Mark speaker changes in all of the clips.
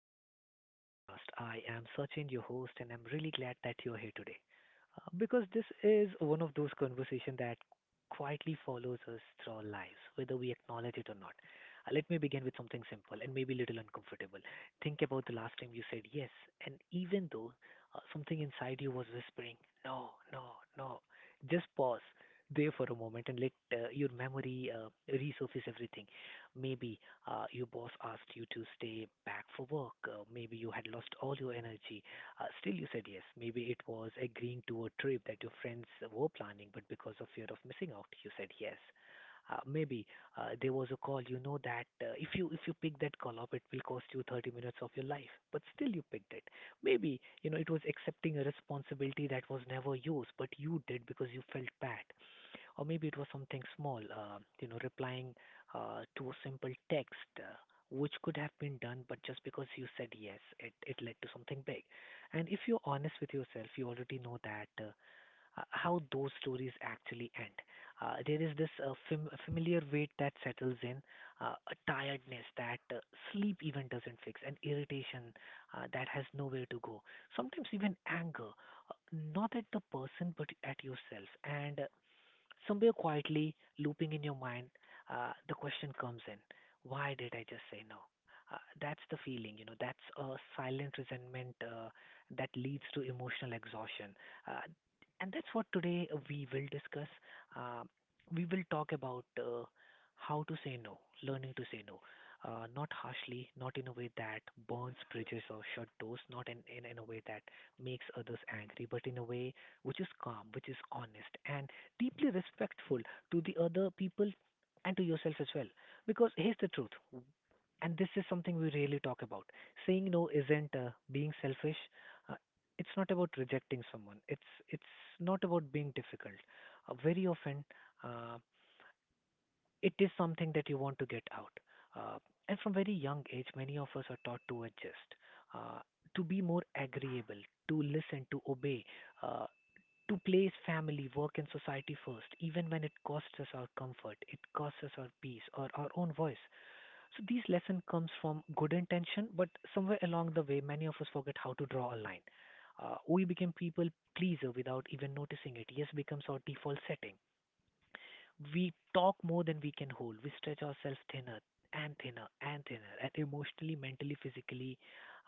Speaker 1: welcome back to the podcast. I am Sachin, your host, and I'm really glad that you're here today because this is one of those conversations that quietly follows us through our lives, whether we acknowledge it or not. Let me begin with something simple and maybe a little uncomfortable. Think about the last time you said yes, and even though something inside you was whispering, no, no, no, just pause there for a moment and let your memory resurface everything. Maybe your boss asked you to stay back for work. Maybe you had lost all your energy. Still, you said yes. Maybe it was agreeing to a trip that your friends were planning, but because of fear of missing out, you said yes. Maybe there was a call. You know that if you pick that call up, it will cost you 30 minutes of your life. But still, you picked it. Maybe you know it was accepting a responsibility that was never yours, but you did because you felt bad, or maybe it was something small, replying to a simple text, which could have been done, but just because you said yes, it led to something big. And if you're honest with yourself, you already know that how those stories actually end. There is this familiar weight that settles in, a tiredness that sleep even doesn't fix, an irritation that has nowhere to go. Sometimes even anger, uh, not at the person but at yourself. And somewhere quietly looping in your mind, the question comes in, why did I just say no? That's the feeling, you know, that's a silent resentment that leads to emotional exhaustion. Uh, and that's what today we will discuss. Uh, we will talk about how to say no, learning to say no. Not harshly, not in a way that burns bridges or shut doors, not in a way that makes others angry, but in a way which is calm, which is honest, and deeply respectful to the other people and to yourself as well. Because here's the truth, and this is something we really talk about. Saying no isn't being selfish. Uh, it's not about rejecting someone. It's not about being difficult. Very often, uh, it is something that you want to get out. Uh, and from very young age, many of us are taught to adjust, uh, to be more agreeable, to listen, to obey, uh, to place family, work, and society first, even when it costs us our comfort, it costs us our peace or our own voice. So these lesson comes from good intention, but somewhere along the way, many of us forget how to draw a line. We became people pleaser without even noticing it. Yes becomes our default setting. We talk more than we can hold. We stretch ourselves thinner and thinner and thinner, and emotionally, mentally, physically,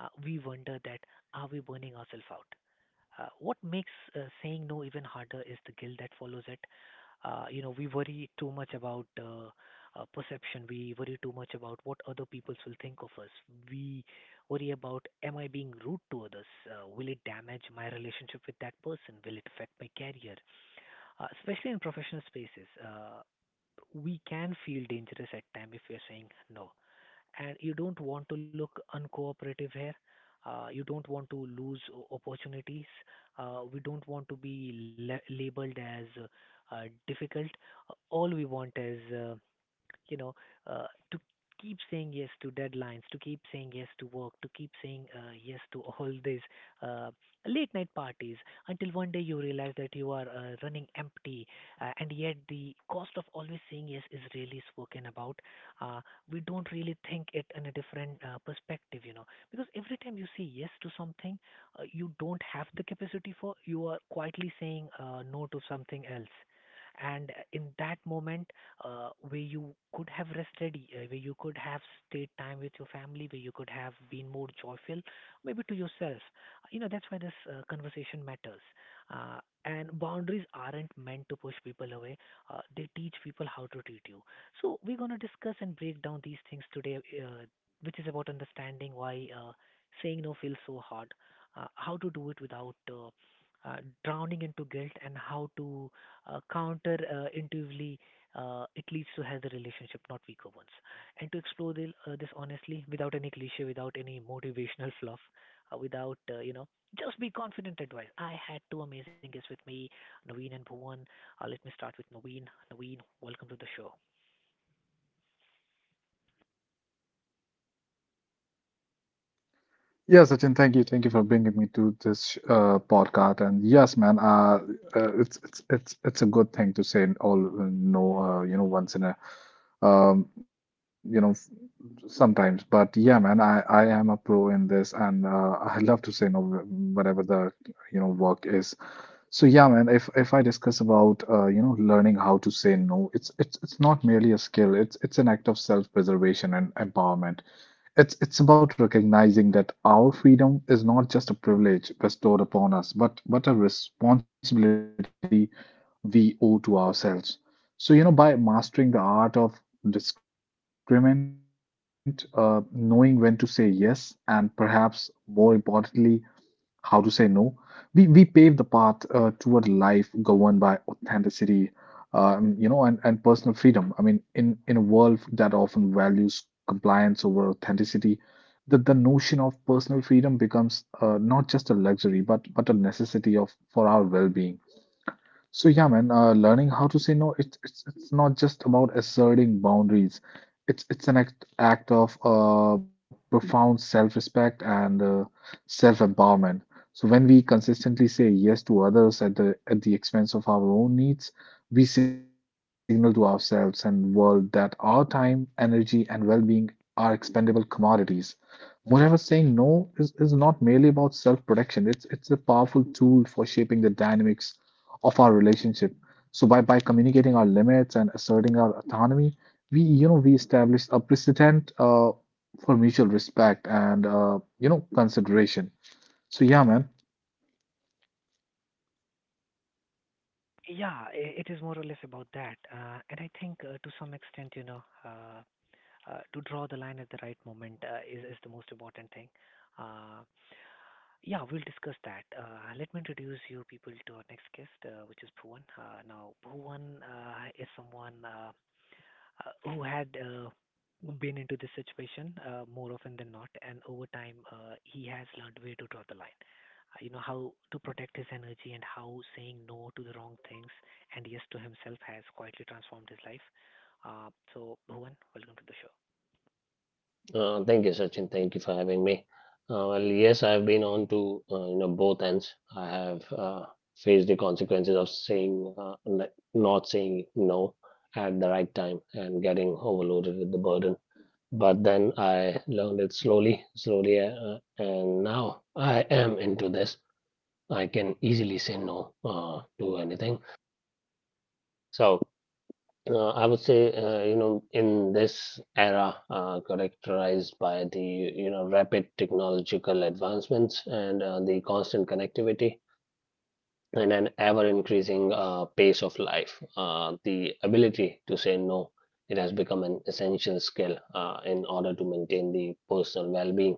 Speaker 1: we wonder that are we burning ourselves out? What makes saying no even harder is the guilt that follows it. You know, we worry too much about perception. We worry too much about what other people will think of us. We worry about, am I being rude to others? Will it damage my relationship with that person? Will it affect my career? Especially in professional spaces. We can feel dangerous at time if we are saying no. And you don't want to look uncooperative here. You don't want to lose opportunities. We don't want to be labeled as difficult. All we want is you know, uh, to keep saying yes to deadlines, to keep saying yes to work, to keep saying yes to all these uh, late night parties until one day you realize that you are running empty, and yet the cost of always saying yes is really spoken about. Uh, we don't really think it in a different perspective, you know, because every time you say yes to something you don't have the capacity for, you are quietly saying no to something else. And in that moment, where you could have rested, where you could have stayed time with your family, where you could have been more joyful, maybe to yourself. You know, that's why this conversation matters. Uh, and boundaries aren't meant to push people away, they teach people how to treat you. So, we're going to discuss and break down these things today, uh, which is about understanding why saying no feels so hard, how to do it without. Uh, drowning into guilt, and how to counter intuitively it leads to healthy relationship, not weaker ones. And to explore this honestly, without any cliche, without any motivational fluff, without just be confident advice. I had two amazing guests with me, Naveen and Bhuvan. Let me start with Naveen. Naveen, welcome to the show. Yeah, it is more or less about that. And I think to some extent, you know, to draw the line at the right moment is the most important thing. Uh, Yeah, we'll discuss that. Let me introduce you people to our next guest, which is Bhuvan. Now, Bhuvan is someone who had been into this situation more often than not, and over time, he has learned where to draw the line. You know, how to protect his energy and how saying no to the wrong things and yes to himself has quietly transformed his life. Uh, so, Bhuvan, welcome to the show.
Speaker 2: Thank you, Sachin. Thank you for having me. Well, yes, I've been on to you know both ends. I have faced the consequences of saying not saying no at the right time and getting overloaded with the burden. But then I learned it slowly, slowly, and now I am into this. I can easily say no to anything. So. I would say, you know, in this era characterized by the, you know, rapid technological advancements and the constant connectivity and an ever-increasing pace of life, the ability to say no, it has become an essential skill in order to maintain the personal well-being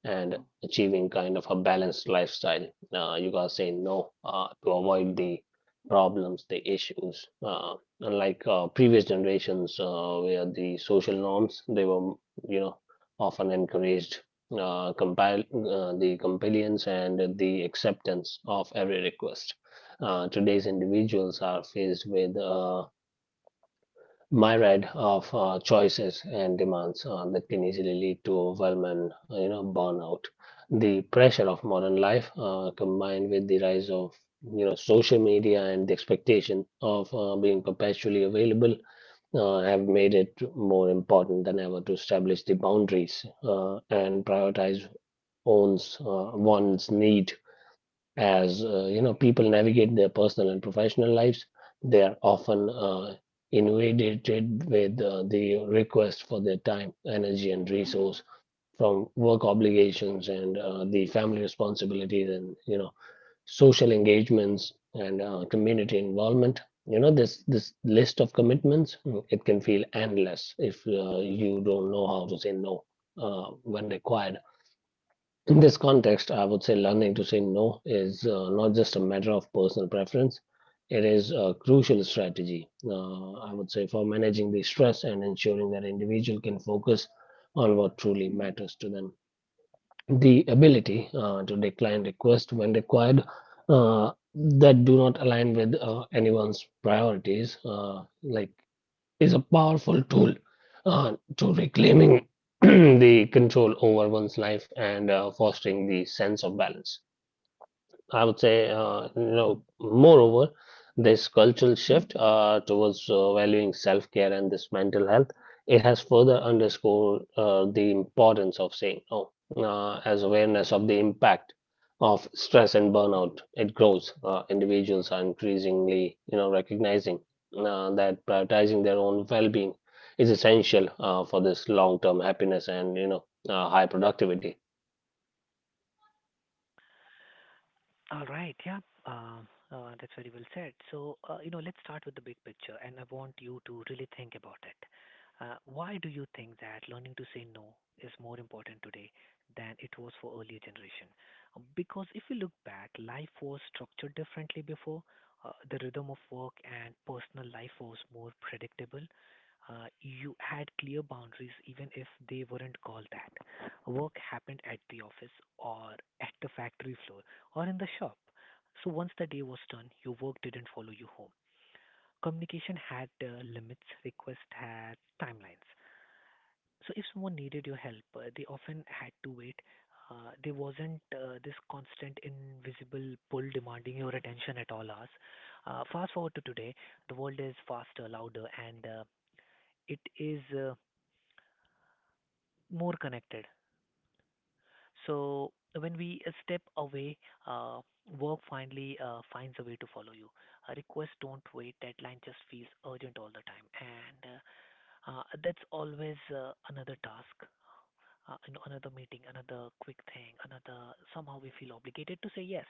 Speaker 2: and achieving kind of a balanced lifestyle. You gotta say no to avoid the problems, the issues. Unlike previous generations, where the social norms they were, you know, often encouraged compile the compliance and the acceptance of every request. Today's individuals are faced with myriad of choices and demands that can easily lead to overwhelming, you know, burnout. The pressure of modern life, combined with the rise of you know social media and the expectation of being perpetually available, have made it more important than ever to establish the boundaries and prioritize one's need as you know people navigate their personal and professional lives. They are often inundated with the request for their time, energy and resource from work obligations and the family responsibilities and you know social engagements and community involvement. You know this list of commitments, it can feel endless if you don't know how to say no when required. In this context, I would say learning to say no is not just a matter of personal preference, it is a crucial strategy, I would say, for managing the stress and ensuring that an individual can focus on what truly matters to them. The ability to decline requests when required that do not align with anyone's priorities, like is a powerful tool to reclaiming the control over one's life and fostering the sense of balance. I would say, you know, moreover, this cultural shift towards valuing self-care and this mental health, it has further underscored the importance of saying no, as awareness of the impact of stress and burnout, it grows. Individuals are increasingly, you know, recognizing that prioritizing their own well-being is essential for this long-term happiness and, you know, high productivity.
Speaker 1: All right. Yeah. That's very well said. So, you know, let's start with the big picture, and I want you to really think about it. Why do you think that learning to say no is more important today than it was for earlier generation? Because if you look back, life was structured differently before. The rhythm of work and personal life was more predictable. You had clear boundaries, even if they weren't called that. Work happened at the office or at the factory floor or in the shop. So once the day was done, your work didn't follow you home. Communication had limits, requests had timelines. So if someone needed your help, they often had to wait. There wasn't this constant invisible pull demanding your attention at all hours. Fast forward to today, the world is faster, louder, and it is more connected. So when we step away, uh, work finally finds a way to follow you. Requests don't wait. Deadline just feels urgent all the time, and that's always another task, you know, another meeting, another quick thing, another. Somehow we feel obligated to say yes.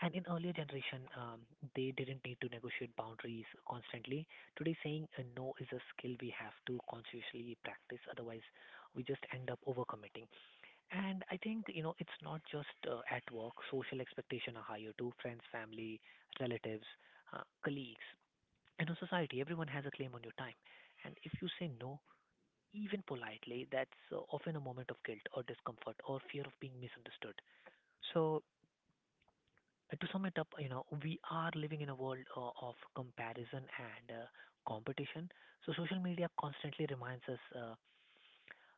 Speaker 1: And in earlier generation, they didn't need to negotiate boundaries constantly. Today, saying a no is a skill we have to consciously practice. Otherwise, we just end up overcommitting. And I think, you know, it's not just at work. Social expectations are higher too. Friends, family, relatives, colleagues, and in society, everyone has a claim on your time. And if you say no, even politely, that's often a moment of guilt or discomfort or fear of being misunderstood. So, to sum it up, you know, we are living in a world of comparison and competition. So, social media constantly reminds us uh,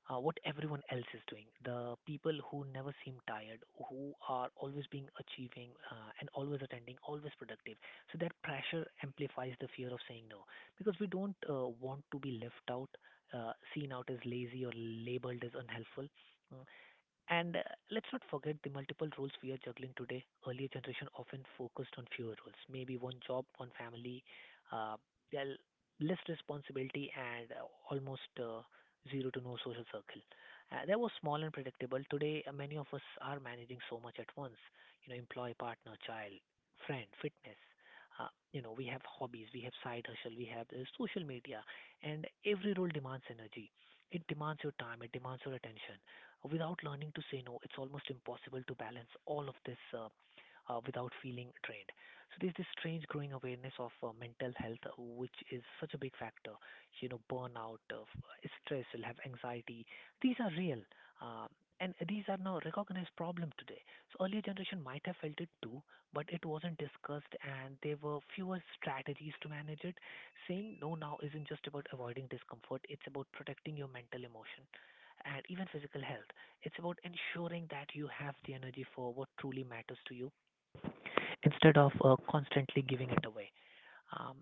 Speaker 1: uh, what everyone else is doing. The people who never seem tired, who are always being achieving and always attending, always productive. So that pressure amplifies the fear of saying no because we don't want to be left out, seen out as lazy or labeled as unhelpful. Mm, and let's not forget the multiple roles we are juggling today. Earlier generation often focused on fewer roles, maybe one job, one family, uh, yeah, less responsibility, and almost zero to no social circle. That was small and predictable. Today, many of us are managing so much at once. You know, employee, partner, child, friend, fitness. You know, we have hobbies, we have side hustle, we have social media, and every role demands energy. It demands your time, it demands your attention without learning to say no, it's almost impossible to balance all of this without feeling drained. So there's this strange growing awareness of mental health, which is such a big factor. You know, burnout, stress, you'll have anxiety. These are real. Um, and these are now recognized problem today. So earlier generation might have felt it too, but it wasn't discussed and there were fewer strategies to manage it. Saying no now isn't just about avoiding discomfort, it's about protecting your mental emotion and even physical health. It's about ensuring that you have the energy for what truly matters to you instead of constantly giving it away. Um,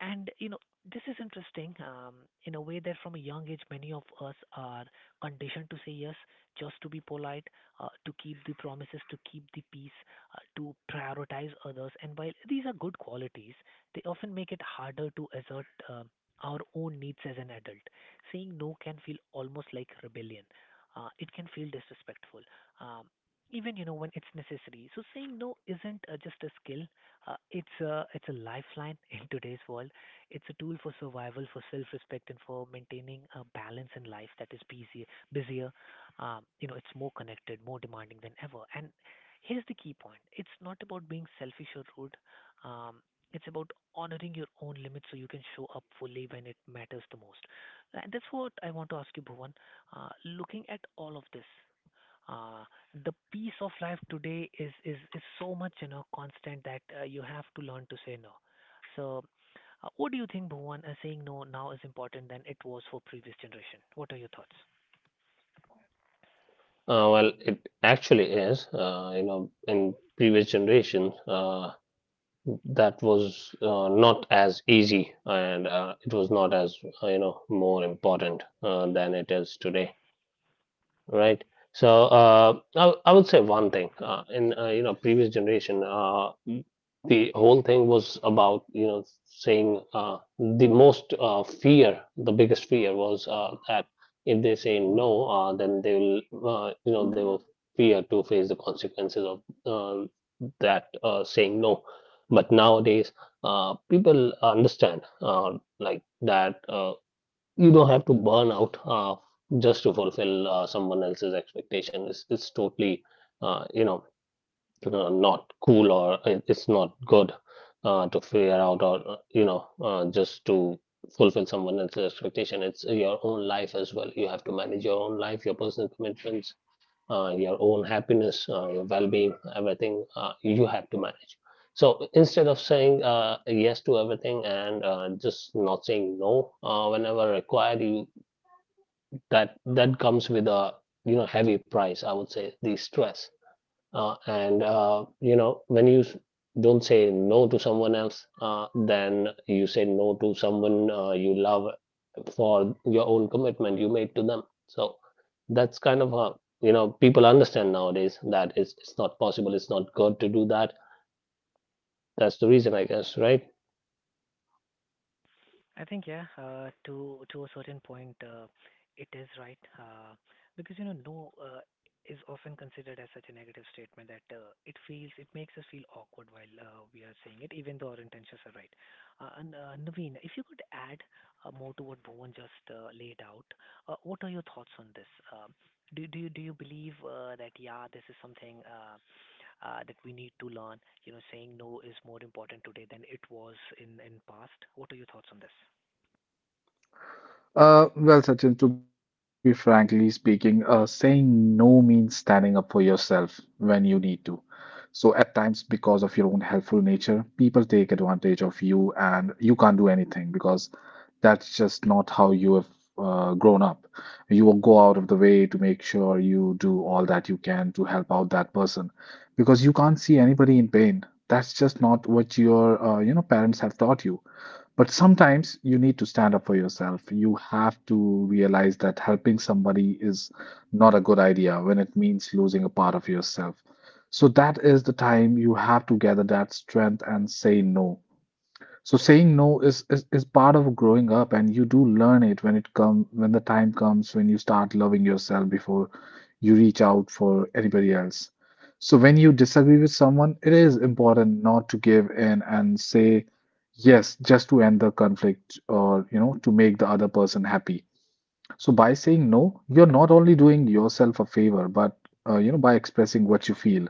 Speaker 1: and you know, this is interesting, in a way that from a young age, many of us are conditioned to say yes just to be polite, to keep the promises, to keep the peace, to prioritize others. And while these are good qualities, they often make it harder to assert our own needs as an adult. Saying no can feel almost like rebellion. It can feel disrespectful. Um, Even when it's necessary, so saying no isn't just a skill, it's a lifeline in today's world. It's a tool for survival, for self-respect, and for maintaining a balance in life that is busier. Busier, it's more connected, more demanding than ever. And here's the key point: it's not about being selfish or rude. Um, it's about honoring your own limits so you can show up fully when it matters the most. And that's what I want to ask you, Bhuvan. Looking at all of this uh, the piece of life today is so much constant that you have to learn to say no. So, what do you think, Bhuvan? Saying no now is important than it was for previous generation. What are your thoughts?
Speaker 2: Well, it actually is. You know, in previous generations, that was not as easy, and it was not as you know more important than it is today. Right. So I would say one thing in you know previous generation, the whole thing was about you know saying the most fear the biggest fear was that if they say no, then they will you know they will fear to face the consequences of uh, that saying no. But nowadays people understand like that, you don't have to burn out just to fulfill someone else's expectation. It's totally, you know, not cool or it's not good to figure out or you know just to fulfill someone else's expectation. It's your own life as well. You have to manage your own life, your personal commitments, your own happiness, your well-being, everything you have to manage. So instead of saying yes to everything and just not saying no whenever required, you, that comes with a you know heavy price. I would say the stress and you know when don't say no to someone else, then you say no to someone you love for your own commitment you made to them. So that's kind of how you know people understand nowadays that it's not possible, it's not good to do that. That's the reason, I guess, right?
Speaker 1: I think yeah, to a certain point, it is right, because no is often considered as such a negative statement that it makes us feel awkward while we are saying it, even though our intentions are right. And Naveen, if you could add more to what Bhuvan just laid out, what are your thoughts on this? Um, do you believe that yeah, this is something that we need to learn? You know, saying no is more important today than it was in past. What are your thoughts on this?
Speaker 3: Well, Sachin, to be frankly speaking, saying no means standing up for yourself when you need to. So, at times, because of your own helpful nature, people take advantage of you and you can't do anything because that's just not how you have grown up. You will go out of the way to make sure you do all that you can to help out that person because you can't see anybody in pain. That's just not what your you know parents have taught you. But sometimes you need to stand up for yourself. You have to realize that helping somebody is not a good idea when it means losing a part of yourself. So that is the time you have to gather that strength and say no. So saying no is part of growing up, and you do learn it when it come when the time comes when you start loving yourself before you reach out for anybody else. So when you disagree with someone, it is important not to give in and say yes just to end the conflict or you know to make the other person happy. So by saying no, you're not only doing yourself a favor, but you know by expressing what you feel,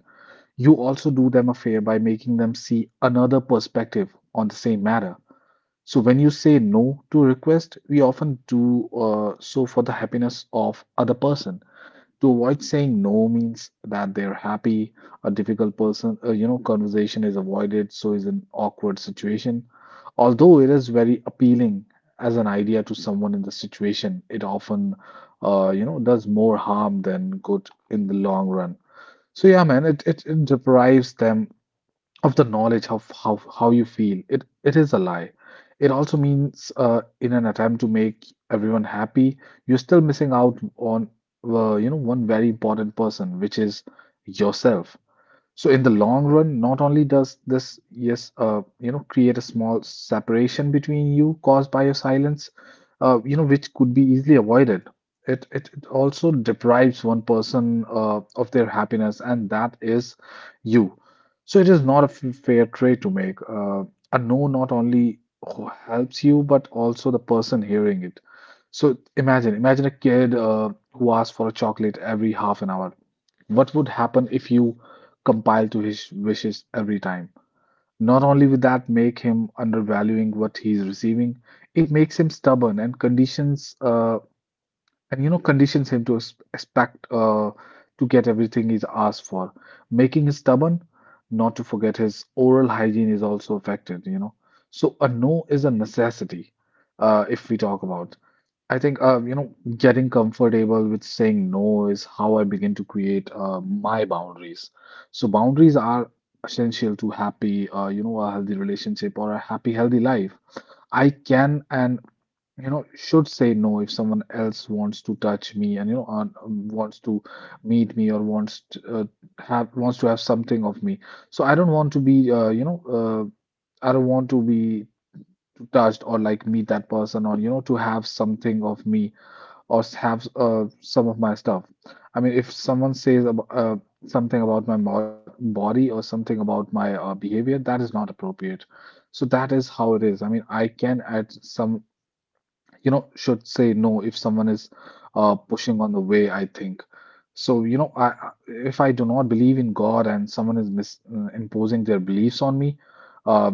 Speaker 3: you also do them a favor by making them see another perspective on the same matter. So when you say no to request, we often do so for the happiness of other person. To avoid saying no means that they're happy. A difficult person, you know, conversation is avoided, so is an awkward situation. Although it is very appealing as an idea to someone in the situation, it often, you know, does more harm than good in the long run. So yeah, man, it deprives them of the knowledge of how you feel. It it is a lie. It also means in an attempt to make everyone happy you're still missing out on you know one very important person which is yourself. So in the long run, not only does this, yes, you know, create a small separation between you caused by your silence, you know, which could be easily avoided. It also deprives one person of their happiness, and that is you. So it is not a fair trade to make. A no not only who helps you, but also the person hearing it. So imagine a kid who asks for a chocolate every half an hour. What would happen if you compile to his wishes every time? Not only will that make him undervaluing what he's receiving, it makes him stubborn and conditions and you know conditions him to expect to get everything he's asked for. Making him stubborn, not to forget his oral hygiene is also affected, you know. So a no is a necessity if we talk about. I think you know, getting comfortable with saying no is how I begin to create my boundaries. So boundaries are essential to happy, you know, a healthy relationship or a happy, healthy life. I can and you know should say no if someone else wants to touch me and you know wants to meet me or wants to have something of me. So I don't want to be you know I don't want to be touched or like meet that person or you know to have something of me or have some of my stuff. I mean, if someone says about, something about my body or something about my behavior, that is not appropriate. So that is how it is. I mean, I can at some you know, should say no if someone is pushing on the way, I think. So, you know, if I do not believe in God and someone is mis imposing their beliefs on me, uh,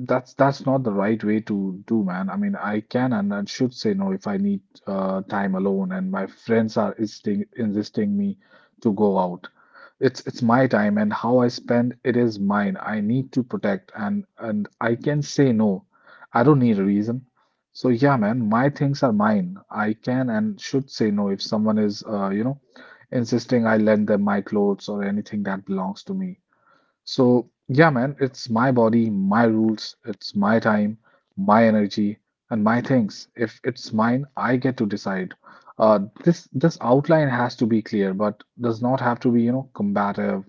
Speaker 3: that's not the right way to do, man. I mean, I can and I should say no if I need time alone and my friends are insisting me to go out. It's my time and how I spend it is mine. I need to protect and I can say no. I don't need a reason. So yeah, man, my things are mine. I can and should say no if someone is, you know, insisting I lend them my clothes or anything that belongs to me. So yeah, man, it's my body, my rules, it's my time, my energy, and my things. If it's mine, I get to decide. This outline has to be clear, but does not have to be, you know, combative,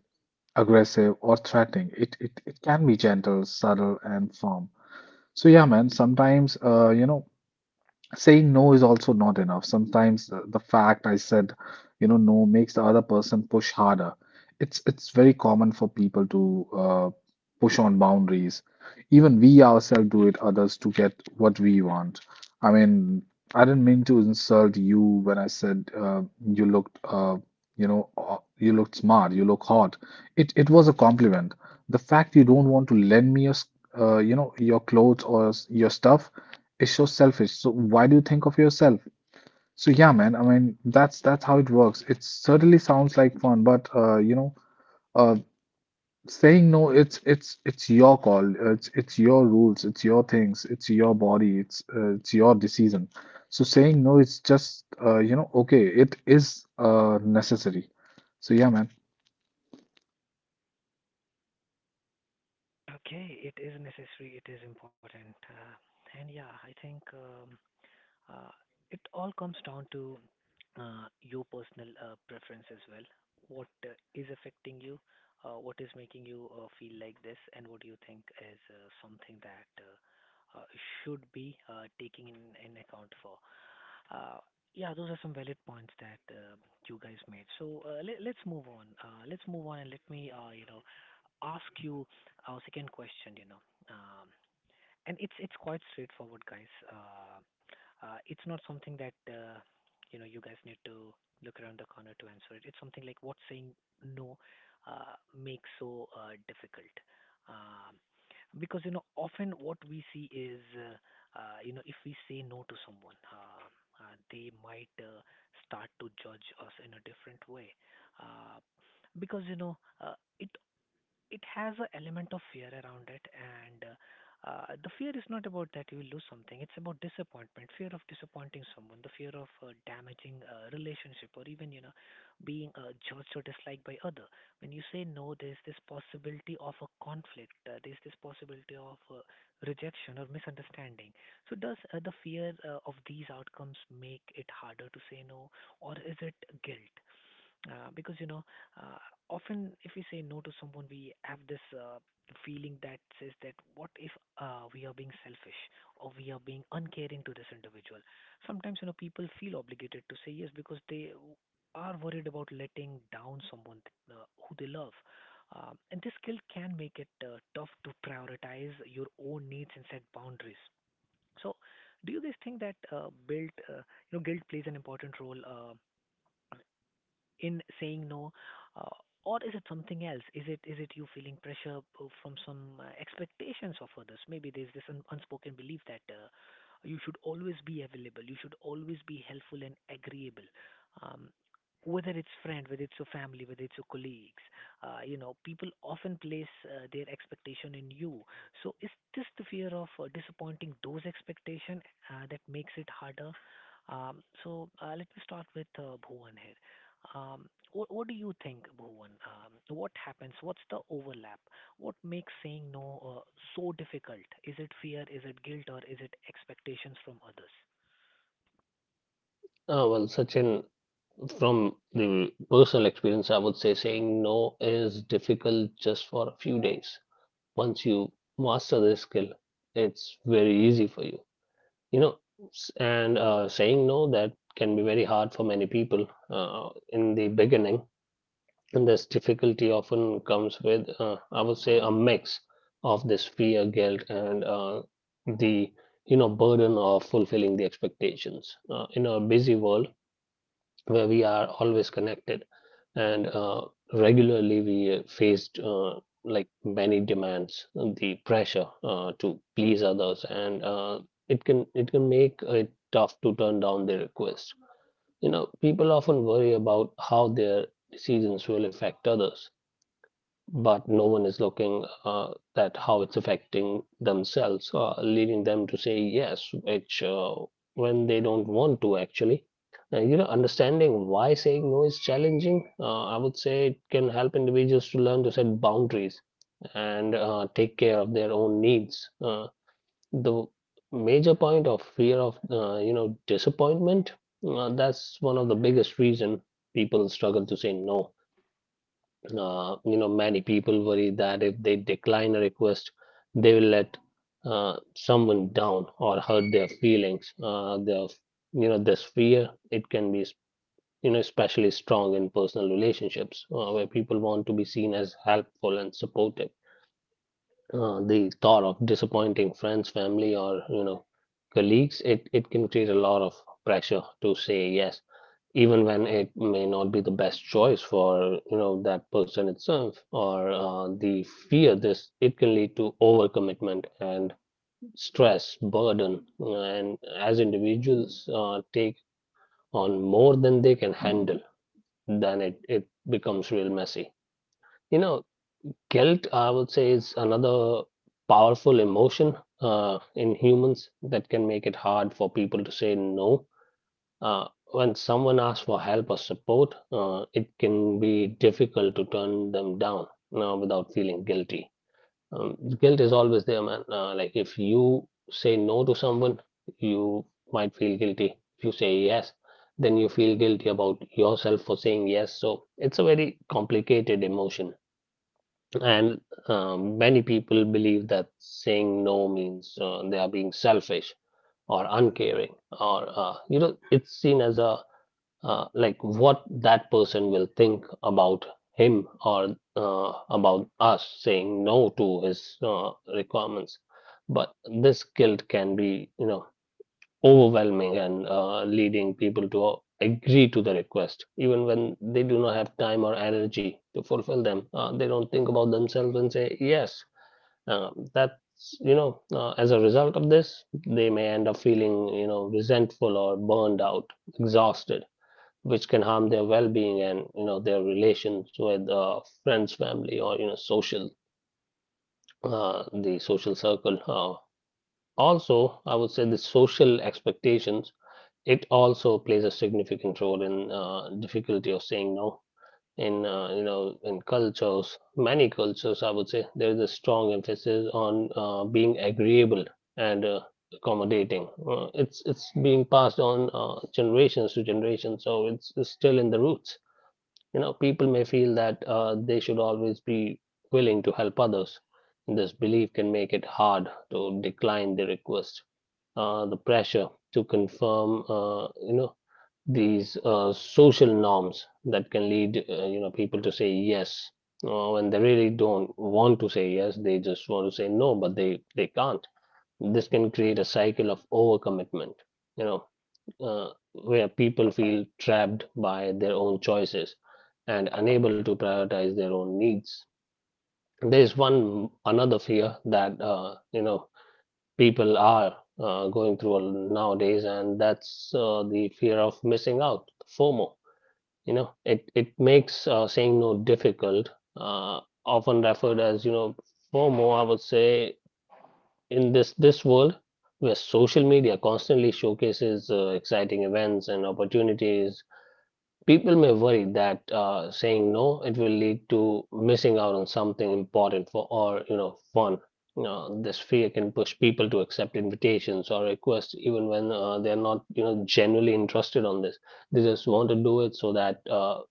Speaker 3: aggressive, or threatening. It can be gentle, subtle, and firm. So yeah, man, sometimes you know saying no is also not enough. Sometimes the fact I said, you know, no makes the other person push harder. It's very common for people to push on boundaries. Even we ourselves do it others to get what we want. I mean, I didn't mean to insult you when I said you looked smart, you look hot. It was a compliment. The fact you don't want to lend me your clothes or your stuff, it's so selfish. So why do you think of yourself? So yeah, man. I mean, that's how it works. It certainly sounds like fun, but uh, saying no, it's your call. It's your rules. It's your things. It's your body. It's your decision. So saying no, it's just you know, okay. It is necessary. So yeah, man.
Speaker 1: Okay, it is necessary, it is important. And yeah, I think uh, it all comes down to your personal preference as well. What is affecting you, what is making you feel like this, and what do you think is something that should be taking in account for. Uh, yeah, those are some valid points that you guys made. So let's move on. Let's move on and let me, ask you our second question, you know. Um, and it's quite straightforward, guys. It's not something that you guys need to look around the corner to answer it. It's something like what saying no makes so difficult. Um, because often what we see is if we say no to someone, they might start to judge us in a different way, uh, because it has an element of fear around it, and the fear is not about that you will lose something. It's about disappointment, fear of disappointing someone, the fear of damaging a relationship, or even being judged or disliked by other. When you say no, there's this possibility of a conflict, there's this possibility of rejection or misunderstanding. So does the fear of these outcomes make it harder to say no, or is it guilt? Because uh, often if we say no to someone, we have this feeling that says that what if we are being selfish or we are being uncaring to this individual. Sometimes you know people feel obligated to say yes because they are worried about letting down someone who they love. And this guilt can make it tough to prioritize your own needs and set boundaries. So, do you guys think that guilt plays an important role? In saying no, uh, or is it something else? Is it you feeling pressure from some expectations of others? Maybe there's this unspoken belief that you should always be available, you should always be helpful and agreeable. Um, whether it's friend, whether it's your family, whether it's your colleagues, people often place their expectation in you. So is this the fear of disappointing those expectation that makes it harder? So let me start with Bhuvan here. Um, what do you think, Bhuvan? What happens? What's the overlap? What makes saying no so difficult? Is it fear? Is it guilt? Or is it expectations from others?
Speaker 2: Well, Sachin, from the personal experience I would say saying no is difficult just for a few days. Once you master this skill, it's very easy for you, you know. S- and Saying no, that can be very hard for many people in the beginning, and this difficulty often comes with I would say a mix of this fear, guilt and the you know burden of fulfilling the expectations. In a busy world where we are always connected and regularly we faced like many demands, the pressure to please others and it can, it can make it tough to turn down their requests. You know, people often worry about how their decisions will affect others, but no one is looking at how it's affecting themselves, leading them to say yes, which when they don't want to actually. And you know, understanding why saying no is challenging, I would say it can help individuals to learn to set boundaries and take care of their own needs. The major point of fear of you know disappointment, that's one of the biggest reason people struggle to say no. You know, many people worry that if they decline a request, they will let someone down or hurt their feelings. Their, you know, this fear it can be, you know, especially strong in personal relationships where people want to be seen as helpful and supportive. The thought of disappointing friends, family, or you know, colleagues, it can create a lot of pressure to say yes even when it may not be the best choice for you know that person itself or the fear. This it can lead to overcommitment and stress burden, and as individuals take on more than they can handle, then it becomes real messy, you know. Guilt I would say is another powerful emotion in humans that can make it hard for people to say no. When someone asks for help or support, it can be difficult to turn them down without feeling guilty. Guilt is always there, man. Like if you say no to someone, you might feel guilty. If you say yes, then you feel guilty about yourself for saying yes. So it's a very complicated emotion. And many people believe that saying no means they are being selfish or uncaring, or, you know, it's seen as a like what that person will think about him or about us saying no to his requirements. But this guilt can be, you know, overwhelming and leading people to agree to the request, even when they do not have time or energy to fulfill them. They don't think about themselves and say yes. That's you know, as a result of this, they may end up feeling you know resentful or burned out, exhausted, which can harm their well-being and you know their relations with friends, family or you know social, the social circle. Also I would say the social expectations, it also plays a significant role in difficulty of saying no. In you know in cultures, many cultures I would say there is a strong emphasis on being agreeable and accommodating. It's being passed on generations to generations, so it's still in the roots. You know, people may feel that they should always be willing to help others. This belief can make it hard to decline the request. The pressure to confirm, you know, these social norms that can lead, you know, people to say yes when they really don't want to say yes. They just want to say no, but they can't. This can create a cycle of overcommitment. You know, uh, where people feel trapped by their own choices and unable to prioritize their own needs. There is one another fear that you know people are going through nowadays, and that's the fear of missing out, FOMO. You know, it makes saying no difficult. Often referred as you know FOMO, I would say in this world where social media constantly showcases exciting events and opportunities. People may worry that saying no it will lead to missing out on something important for or you know fun. You know, this fear can push people to accept invitations or requests even when they're not you know genuinely interested on this. They just want to do it so that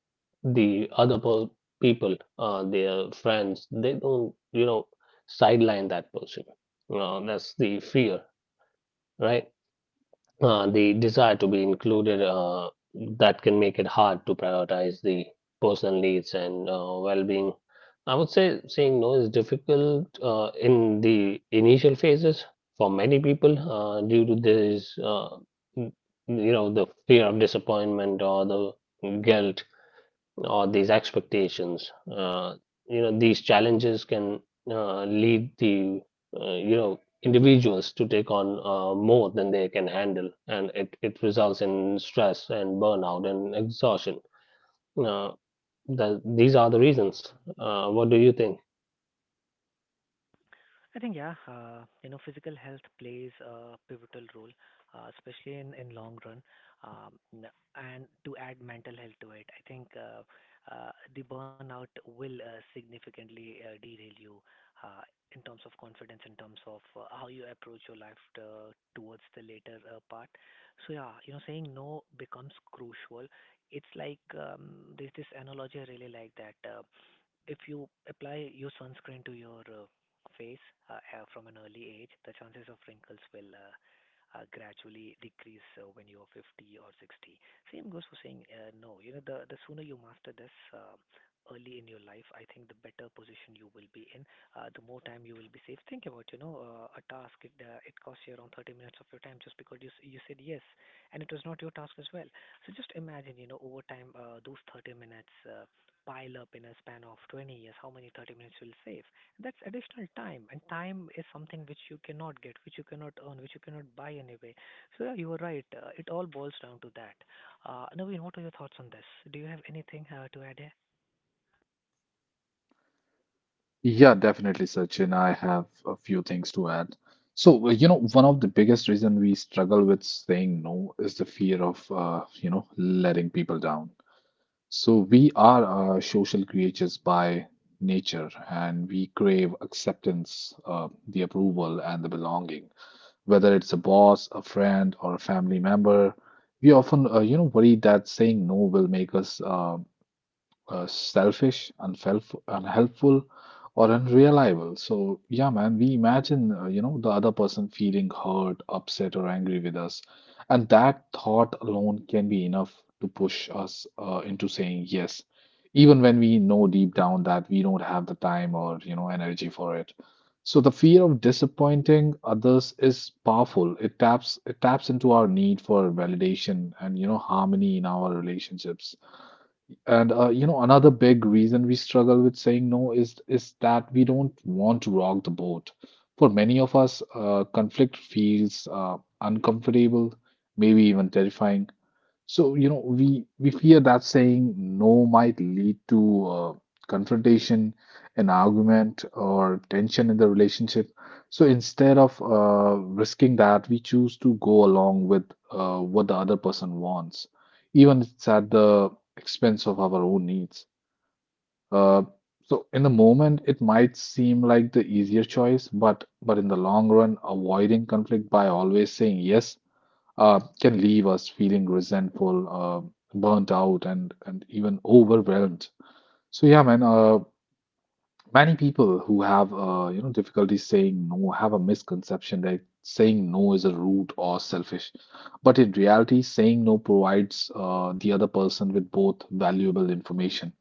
Speaker 2: the other per- people, their friends, they don't sideline that person. You know, that's the fear, right? The desire to be included, that can make it hard to prioritize the personal needs and well-being. I would say saying no is difficult in the initial phases for many people due to this, n- you know, the fear of disappointment or the guilt or these expectations. You know, these challenges can lead the you know, individuals to take on more than they can handle, and it results in stress and burnout and exhaustion. Uh, these are the reasons. What do you think?
Speaker 1: I think, yeah, physical health plays a pivotal role, especially in long run. And to add mental health to it, I think the burnout will significantly derail you uh, in terms of confidence, in terms of how you approach your life towards the later part. So yeah, you know, saying no becomes crucial. It's like there's this analogy I really like that. If you apply your sunscreen to your face from an early age, the chances of wrinkles will gradually decrease when you're 50 or 60. Same goes for saying no. You know, the sooner you master this early in your life, I think the better position you will be in. The more time you will be safe. Think about a task. It it costs you around 30 minutes of your time just because you said yes, and it was not your task as well. So just imagine, you know, over time, those 30 minutes, pile up in a span of 20 years, how many 30 minutes you'll save. That's additional time, and time is something which you cannot get, which you cannot earn, which you cannot buy anyway. So yeah, you are right. It all boils down to that. Naveen, what are your thoughts on this? Do you have anything to add here?
Speaker 3: Yeah, definitely, Sachin. I have a few things to add. So, you know, one of the biggest reason we struggle with saying no is the fear of, you know, letting people down. So we are social creatures by nature, and we crave acceptance, the approval, and the belonging. Whether it's a boss, a friend, or a family member, we often, you know, worry that saying no will make us, selfish, unhelpful, or unreliable. So, yeah, man, we imagine, you know, the other person feeling hurt, upset, or angry with us. And that thought alone can be enough to push us into saying yes, even when we know deep down that we don't have the time or, you know, energy for it. So the fear of disappointing others is powerful. It taps into our need for validation and, you know, harmony in our relationships. And you know, another big reason we struggle with saying no is that we don't want to rock the boat. For many of us, conflict feels uncomfortable, maybe even terrifying. So, you know, we fear that saying no might lead to confrontation, an argument, or tension in the relationship. So instead of risking that, we choose to go along with what the other person wants, even if it's at the expense of our own needs. Uh, so in the moment, it might seem like the easier choice, but in the long run, avoiding conflict by always saying yes can leave us feeling resentful, burnt out, and even overwhelmed. So yeah, man. Many people who have you know difficulty saying no have a misconception that saying no is a rude or selfish, but in reality, saying no provides the other person with both valuable information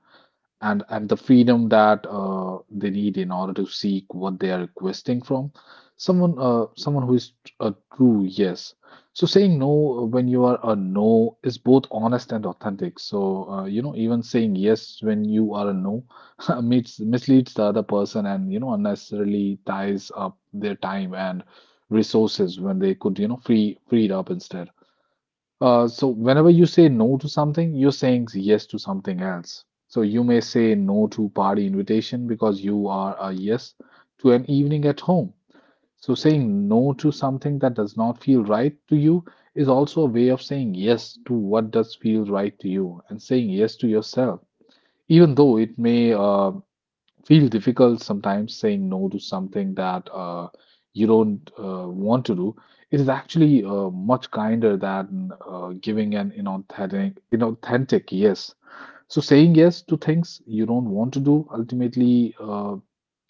Speaker 3: and the freedom that they need in order to seek what they are requesting from someone who is a true yes. So saying no when you are a no is both honest and authentic. So you know even saying yes when you are a no misleads the other person and you know unnecessarily ties up their time and resources when they could you know free it up instead. So whenever you say no to something, you're saying yes to something else. So you may say no to party invitation because you are a yes to an evening at home. So saying no to something that does not feel right to you is also a way of saying yes to what does feel right to you and saying yes to yourself, even though it may feel difficult sometimes saying no to something that you don't want to do. It is actually much kinder than giving an inauthentic yes. So saying yes to things you don't want to do ultimately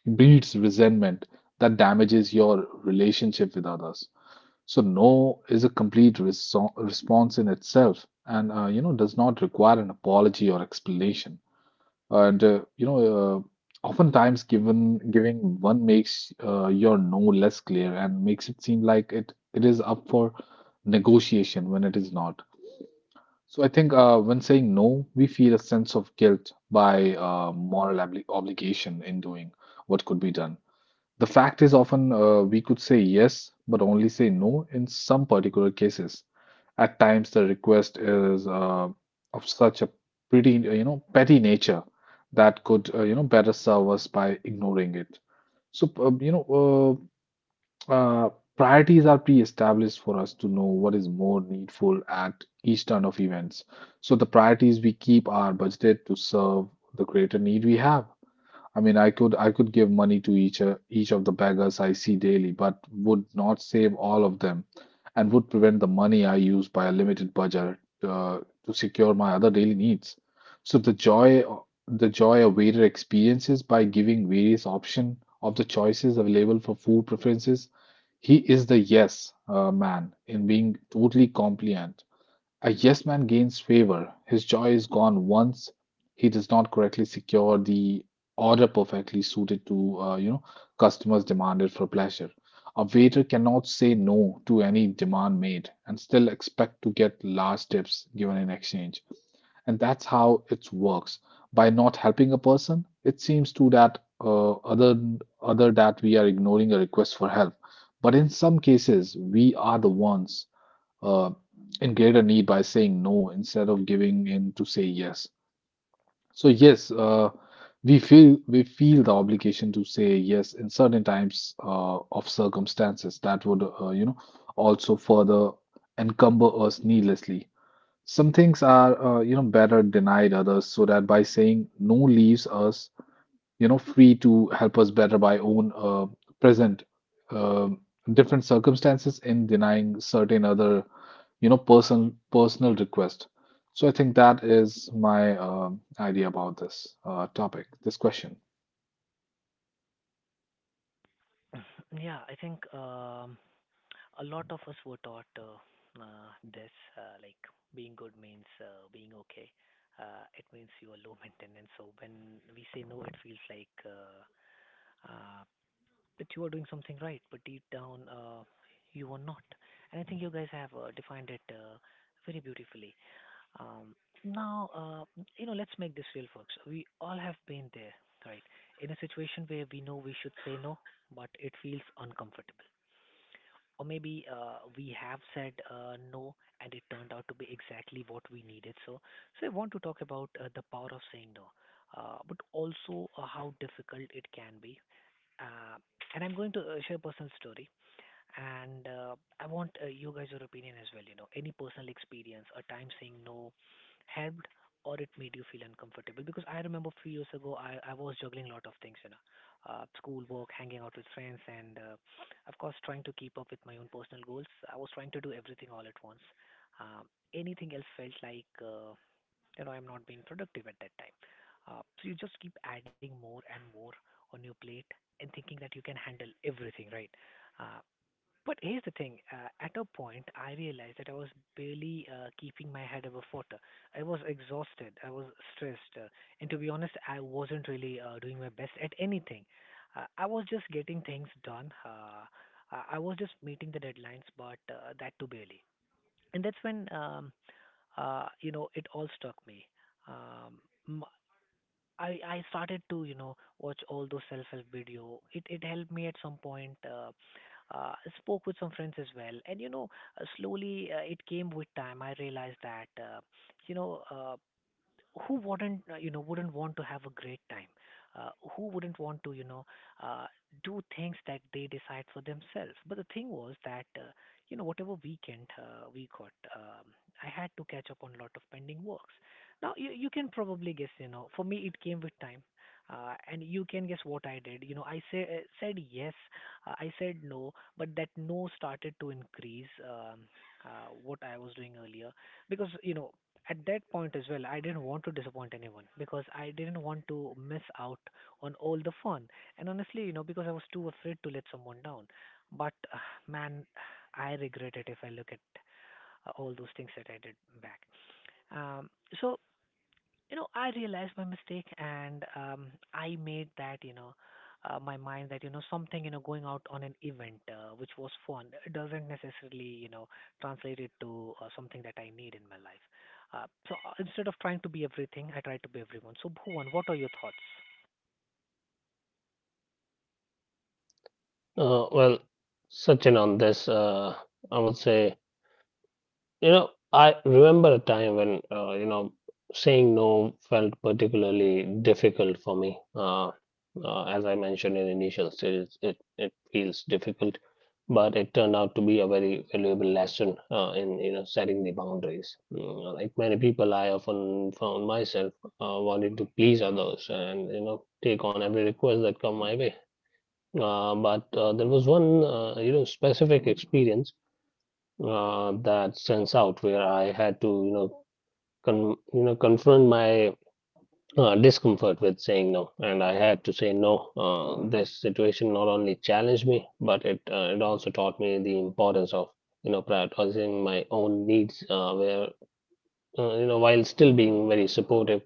Speaker 3: breeds resentment that damages your relationship with others. So no is a complete response in itself, and does not require an apology or explanation. And uh, you know, Oftentimes given giving one makes your no less clear and makes it seem like it is up for negotiation when it is not. So I think when saying no, we feel a sense of guilt by moral obligation in doing what could be done. The fact is often we could say yes, but only say no in some particular cases. At times, the request is of such a petty nature that could, better serve us by ignoring it. So, uh, you know, uh, uh, Priorities are pre-established for us to know what is more needful at each turn of events. So, the priorities we keep are budgeted to serve the greater need we have. I mean, I could give money to each of the beggars I see daily, but would not save all of them, and would prevent the money I use by a limited budget uh, to secure my other daily needs. So the joy a waiter experiences by giving various option of the choices available for food preferences, he is the yes man in being totally compliant. A yes man gains favor. His joy is gone once he does not correctly secure the order perfectly suited to customers demanded for pleasure. A waiter cannot say no to any demand made and still expect to get large tips given in exchange. And that's how it works. By not helping a person, it seems to that other that we are ignoring a request for help. But in some cases, we are the ones uh, in greater need by saying no instead of giving in to say yes. So yes, we feel the obligation to say yes in certain times of circumstances that would also further encumber us needlessly. Some things are better denied others so that by saying no leaves us, you know, free to help us better by own present um different circumstances in denying certain other, you know, personal request. So I think that is my idea about this topic, this question.
Speaker 1: Yeah, I think a lot of us were taught this, like being good means being okay. It means you are low maintenance. So when we say no, it feels like uh, that you are doing something right, but deep down, you are not. And I think you guys have defined it very beautifully. Um, Now, let's make this real, folks. We all have been there, right? In a situation where we know we should say no, but it feels uncomfortable. Or maybe we have said no and it turned out to be exactly what we needed. So, so I want to talk about the power of saying no, but also how difficult it can be, uh, and I'm going to share a personal story. And I want you guys your opinion as well. You know, any personal experience, a time saying no, helped or it made you feel uncomfortable. Because I remember few years ago, I was juggling a lot of things. You know, school work, hanging out with friends, and of course trying to keep up with my own personal goals. I was trying to do everything all at once. Um, anything else felt like I'm not being productive at that time. So you just keep adding more and more on your plate and thinking that you can handle everything, right? Uh, but here's the thing: at a point, I realized that I was barely keeping my head above water. I was exhausted, I was stressed, and to be honest, I wasn't really doing my best at anything. I was just getting things done. I was just meeting the deadlines, but that too barely. And that's when it all struck me. Um, m- I started to watch all those self-help video. It helped me at some point. I spoke with some friends as well, and you know, slowly it came with time. I realized that you know. Who wouldn't wouldn't want to have a great time uh, who wouldn't want to uh, do things that they decide for themselves? But the thing was that whatever weekend we got, I had to catch up on a lot of pending works. Now you can probably guess, for me it came with time. And you can guess what I did. You know, I say, said yes, I said no, but that no started to increase what I was doing earlier, because at that point as well, I didn't want to disappoint anyone because I didn't want to miss out on all the fun. And honestly, you know, because I was too afraid to let someone down. But man, I regret it if I look at all those things that I did back. Um, so I realized my mistake and I made that you know my mind that something, going out on an event which was fun, doesn't necessarily translate it to something that I need in my life. So instead of trying to be everything, I try to be everyone. So Bhuvan, what are your thoughts?
Speaker 2: Well, searching on this, I would say, you know, I remember a time when, you know, saying no felt particularly difficult for me. As I mentioned in initial stages, it feels difficult, but it turned out to be a very valuable lesson in, you know, setting the boundaries. Mm. Like many people, I often found myself wanting to please others and, you know, take on every request that come my way. But there was one, you know, specific experience that stands out where I had to, you know, you know, confront my discomfort with saying no, and I had to say no. This situation not only challenged me, but it also taught me the importance of, you know, prioritizing my own needs, where you know, while still being very supportive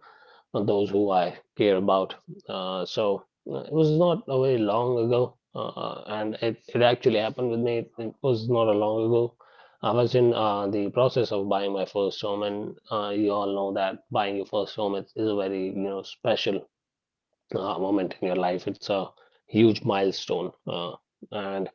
Speaker 2: and those who I care about. So it was not a very long ago, and it actually happened with me. It was not a long ago. I was in the process of buying my first home, and you all know that buying your first home is a very, you know, special moment in your life. It's a huge milestone, and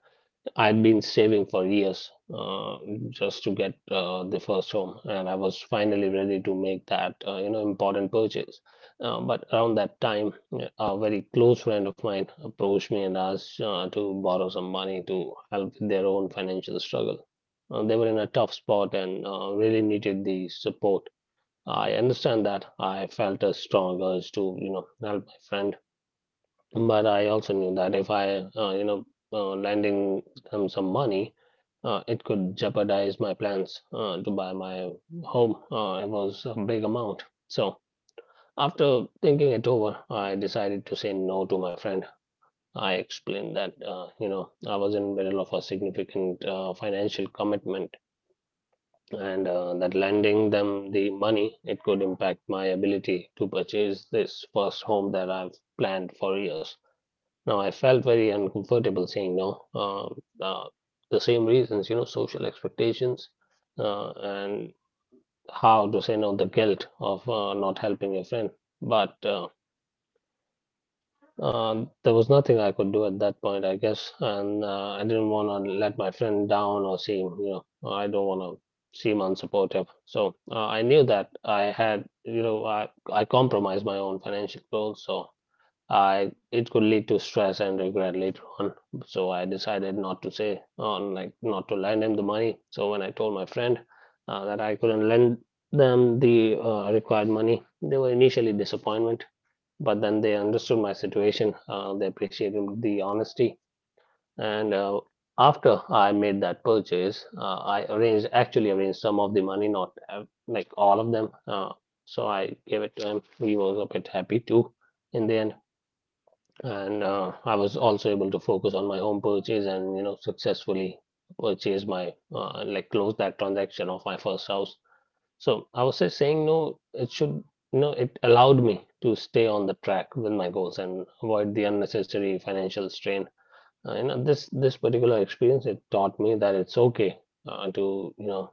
Speaker 2: I'd been saving for years just to get the first home, and I was finally ready to make that, you know, important purchase. But around that time, a very close friend of mine approached me and asked to borrow some money to help with their own financial struggle. They were in a tough spot and really needed the support. I understand that I felt a strong urge to, you know, help my friend, but I also knew that if I, you know, lending them some money, it could jeopardize my plans to buy my home. It was a big amount. So after thinking it over, I decided to say no to my friend. I explained that, you know, I was in the middle of a significant financial commitment and that lending them the money, it could impact my ability to purchase this first home that I've planned for years. Now, I felt very uncomfortable saying no. The same reasons, you know, social expectations and how to say no, the guilt of not helping your friend. But there was nothing I could do at that point, I guess. And I didn't want to let my friend down or seem, you know, I don't want to seem unsupportive. So I knew that I had, you know, I compromised my own financial goals. So I, it could lead to stress and regret later on. So I decided not to say on, like, not to lend him the money. So when I told my friend that I couldn't lend them the required money, they were initially disappointed, but then they understood my situation. They appreciated the honesty, and after I made that purchase, I arranged actually arranged some of the money, not like all of them. So I gave it to him. He was a bit happy too in the end, and I was also able to focus on my home purchase and, you know, successfully purchase my, like, close that transaction of my first house. So I was just saying no. It should, you know, it allowed me to stay on the track with my goals and avoid the unnecessary financial strain. You know, this particular experience, it taught me that it's okay to, you know,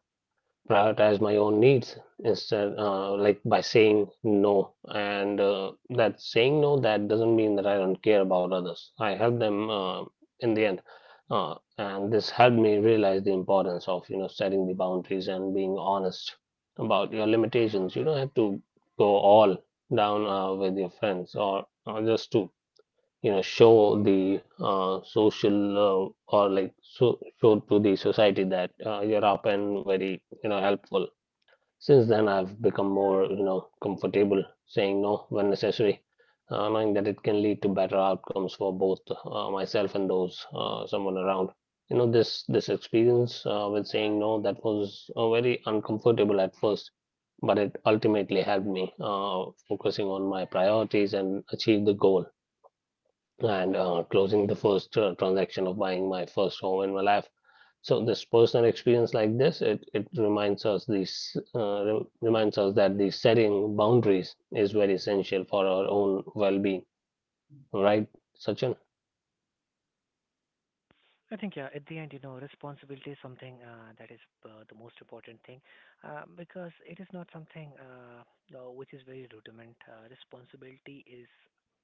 Speaker 2: prioritize my own needs instead, like, by saying no. And that saying no, that doesn't mean that I don't care about others. I help them in the end. And this helped me realize the importance of, you know, setting the boundaries and being honest about your limitations. You don't have to go all down with your friends, or just to, you know, show the social, or, like, so show to the society that you're up and very, you know, helpful. Since then, I've become more, you know, comfortable saying no when necessary, knowing that it can lead to better outcomes for both myself and those, someone around. You know, this experience with saying no, that was very uncomfortable at first, but it ultimately helped me focusing on my priorities and achieve the goal and closing the first transaction of buying my first home in my life. So this personal experience like this, it reminds us, these reminds us that the setting boundaries is very essential for our own well-being, right, Sachin?
Speaker 1: I think, yeah, at the end, you know, responsibility is something that is the most important thing, because it is not something which is very rudiment. Responsibility is,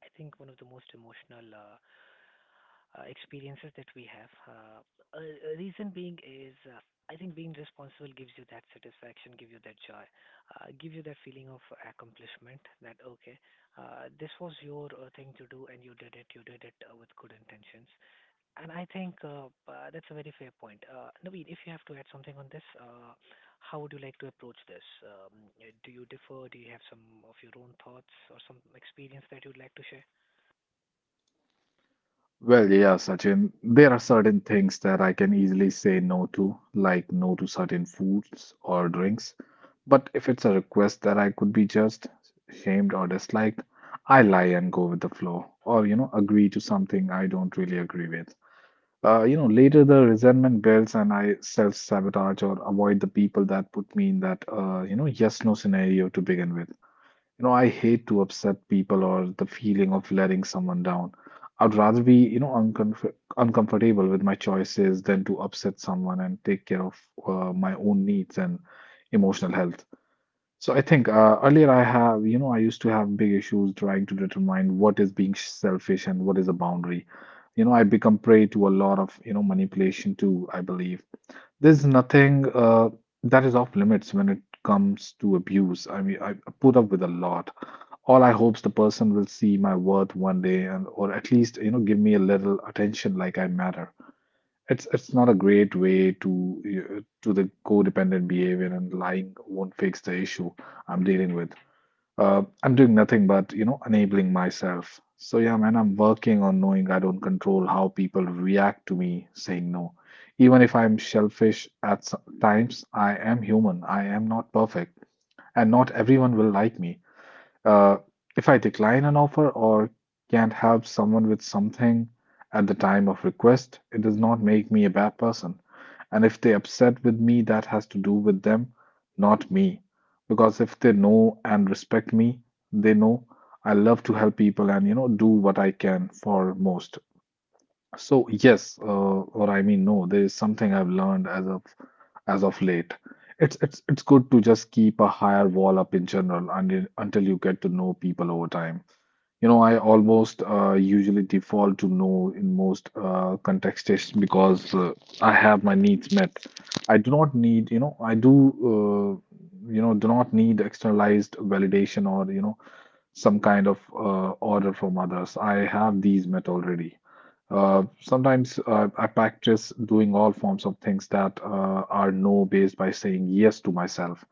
Speaker 1: I think, one of the most emotional experiences that we have. A reason being is, I think, being responsible gives you that satisfaction, give you that joy, give you that feeling of accomplishment that, okay, this was your thing to do and you did it with good intentions. And I think that's a very fair point. Naveen, if you have to add something on this, how would you like to approach this? Do you differ? Do you have some of your own thoughts or some experience that you'd like to share?
Speaker 3: Well, yeah, Sachin, there are certain things that I can easily say no to, like no to certain foods or drinks. But if it's a request that I could be just shamed, or disliked, I lie and go with the flow, or, you know, agree to something I don't really agree with. Later the resentment builds and I self-sabotage or avoid the people that put me in that, yes-no scenario to begin with. You know, I hate to upset people or the feeling of letting someone down. I'd rather be, you know, uncomfortable with my choices than to upset someone and take care of my own needs and emotional health. So I think earlier I have, you know, I used to have big issues trying to determine what is being selfish and what is a boundary. You know, I become prey to a lot of, you know, manipulation too, I believe. There's nothing that is off limits when it comes to abuse. I mean, I put up with a lot. All I hope is the person will see my worth one day, and or at least you know give me a little attention like I matter. It's not a great way to the codependent behavior, and lying won't fix the issue I'm dealing with. I'm doing nothing but, you know, enabling myself. So yeah, man, I'm working on knowing I don't control how people react to me saying no. Even if I'm selfish at some times, I am human. I am not perfect, and not everyone will like me. Uh, if I decline an offer or can't help someone with something at the time of request, it does not make me a bad person. And if they upset with me, that has to do with them, not me. Because if they know and respect me, they know I love to help people and, you know, do what I can for most. So yes, or I mean no, there is something I've learned as of late. It's good to just keep a higher wall up in general and until you get to know people over time. You know, I almost usually default to no in most contexts because I have my needs met. I do not need, you know, do not need externalized validation or, you know, some kind of order from others. I have these met already. Sometimes I practice doing all forms of things that are no based by saying yes to myself.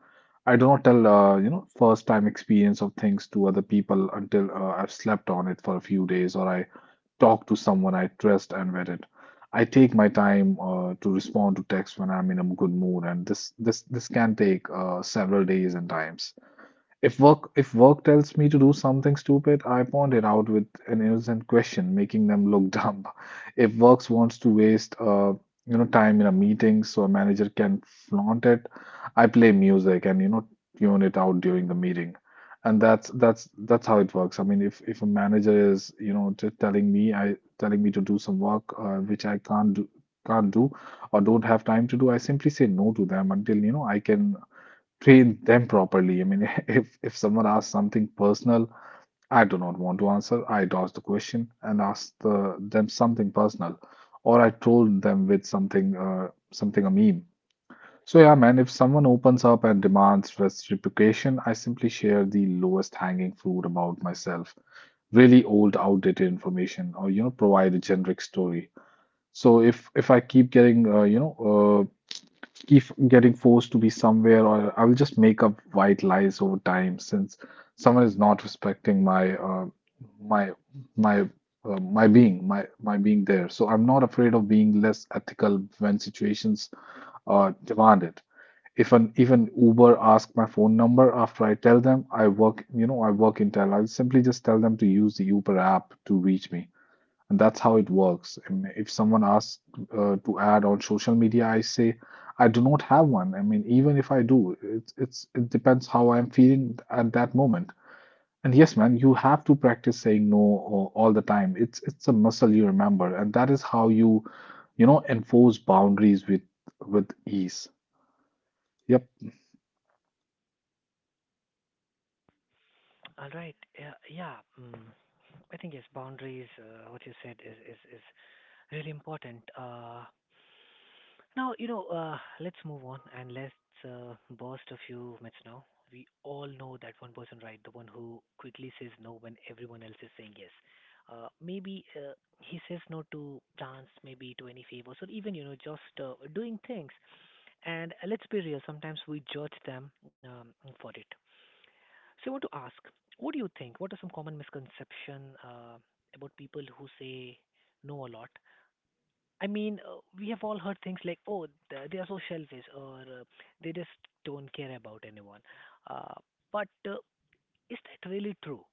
Speaker 3: I do not tell, first time experience of things to other people until I've slept on it for a few days or I talk to someone I trust and vet it. I take my time to respond to text when I'm in a good mood, and this can take several days and times. If work tells me to do something stupid, I point it out with an innocent question, making them look dumb. If works wants to waste time in a meeting so a manager can flaunt it, I play music and you know tune it out during the meeting. And that's how it works. I mean, if a manager is you know t telling me I telling me to do some work which I can't do or don't have time to do, I simply say no to them until you know I can train them properly. I mean, if someone asks something personal, I do not want to answer. I dodge the question and ask them something personal, or I troll them with something a meme. So yeah, man, if someone opens up and demands reciprocation, I simply share the lowest hanging fruit about myself, really old, outdated information, or you know, provide a generic story. So if I keep getting uh, keep getting forced to be somewhere or I will just make up white lies over time since someone is not respecting my my my being my my being there so I'm not afraid of being less ethical when situations demand it if an uber asks my phone number after I tell them I work in tel I'll simply just tell them to use the uber app to reach me and that's how it works. I mean, if someone asks to add on social media, I say I do not have one. I mean, even if I do, it depends how I'm feeling at that moment. And yes, man, you have to practice saying no all the time. It's a muscle you remember, and that is how you, you know, enforce boundaries with ease. Yep.
Speaker 1: All right. Yeah. Yeah. Mm. I think yes, boundaries. What you said is really important. Now, you know, let's move on, and let's burst a few myths now. We all know that one person, right? The one who quickly says no when everyone else is saying yes. Maybe he says no to dance, maybe to any favors, or even, you know, just doing things. And let's be real, sometimes we judge them for it. So I want to ask, what do you think? What are some common misconceptions about people who say no a lot? I mean, we have all heard things like, "Oh, they are so selfish," or "They just don't care about anyone." Uh, but is that really true?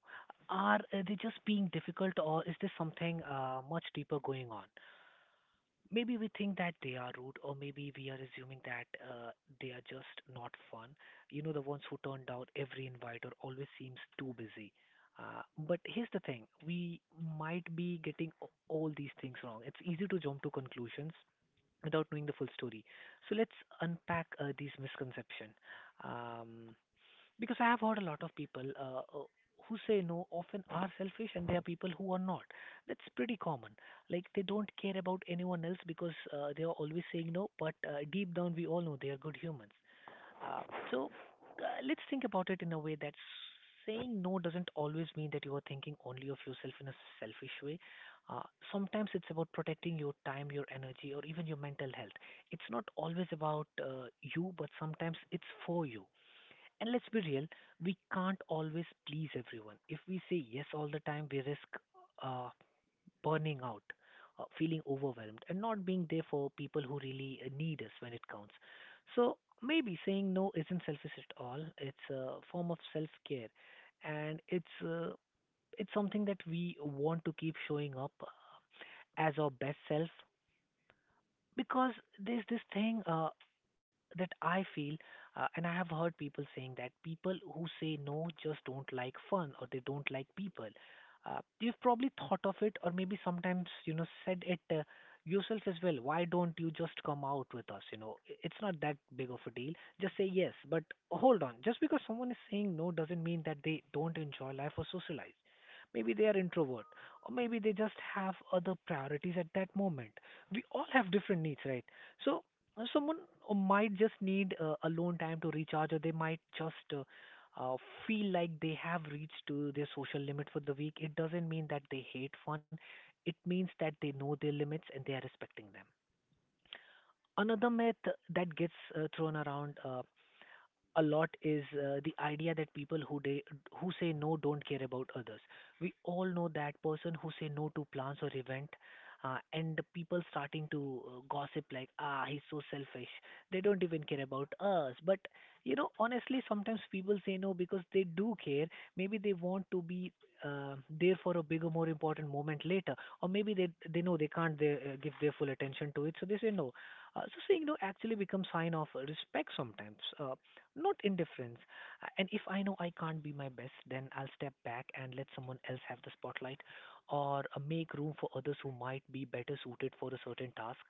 Speaker 1: Are they just being difficult, or is there something much deeper going on? Maybe we think that they are rude, or maybe we are assuming that they are just not fun. You know, the ones who turn down every invite or always seems too busy. Uh, but here's the thing: we might be getting all these things wrong. It's easy to jump to conclusions without knowing the full story. So let's unpack these misconceptions. Um, because I have heard a lot of people who say no often are selfish, and there are people who are not. That's pretty common. Like they don't care about anyone else because they are always saying no, but deep down we all know they are good humans. Uh, so let's think about it in a way that saying no doesn't always mean that you are thinking only of yourself in a selfish way. Uh, Sometimes it's about protecting your time, your energy, or even your mental health. It's not always about you, but sometimes it's for you. And let's be real, we can't always please everyone. If we say yes all the time, we risk uh, burning out, feeling overwhelmed, and not being there for people who really need us when it counts. So maybe saying no isn't selfish at all. It's a form of self-care, and it's something that we want to keep showing up as our best self. Because there's this thing that I feel, and I have heard people saying that people who say no just don't like fun or they don't like people. You've probably thought of it, or maybe sometimes you know said it yourself as well. Why don't you just come out with us? You know, it's not that big of a deal. Just say yes. But hold on, just because someone is saying no doesn't mean that they don't enjoy life or socialize. Maybe they are introvert, or maybe they just have other priorities at that moment. We all have different needs, right? So Someone might just need alone time to recharge, or they might just uh, feel like they have reached to their social limit for the week. It doesn't mean that they hate fun. It means that they know their limits and they are respecting them. Another myth that gets thrown around a lot is the idea that people who say no don't care about others. We all know that person who say no to plans or event, and the people starting to gossip like, ah, he's so selfish. They don't even care about us. But you know, honestly, sometimes people say no because they do care. Maybe they want to be there for a bigger, more important moment later, or maybe they know they can't give their full attention to it, so they say no. So saying no actually becomes sign of respect sometimes. Not indifference. And if I know I can't be my best, then I'll step back and let someone else have the spotlight or make room for others who might be better suited for a certain task.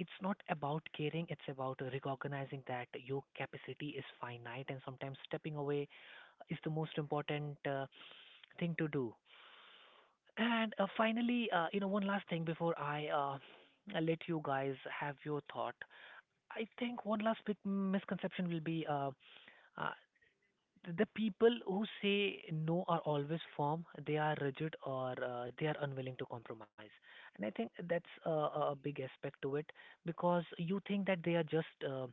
Speaker 1: It's not about caring, it's about recognizing that your capacity is finite, and sometimes stepping away is the most important thing to do. And finally, you know, one last thing before I let you guys have your thought. I think one last big misconception will be uh, the people who say no are always firm, they are rigid, or they are unwilling to compromise. And I think that's a big aspect to it, because you think that they are just uh,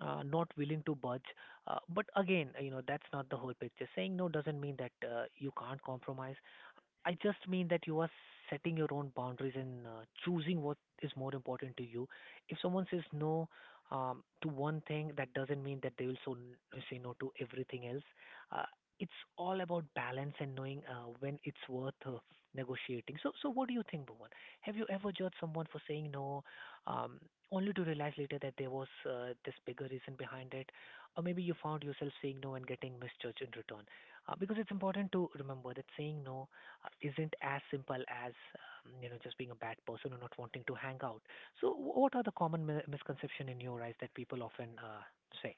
Speaker 1: uh, not willing to budge, but again, you know, that's not the whole picture. Saying no doesn't mean that you can't compromise. I just mean that you are setting your own boundaries, and choosing what is more important to you. If someone says no to one thing, that doesn't mean that they will say no to everything else. Uh, it's all about balance and knowing when it's worth negotiating. So, so what do you think, Bhuvan? Have you ever judged someone for saying no, um, only to realize later that there was this bigger reason behind it, or maybe you found yourself saying no and getting misjudged in return? Because it's important to remember that saying no isn't as simple as you know just being a bad person or not wanting to hang out. So, what are the common misconception in your eyes that people often say?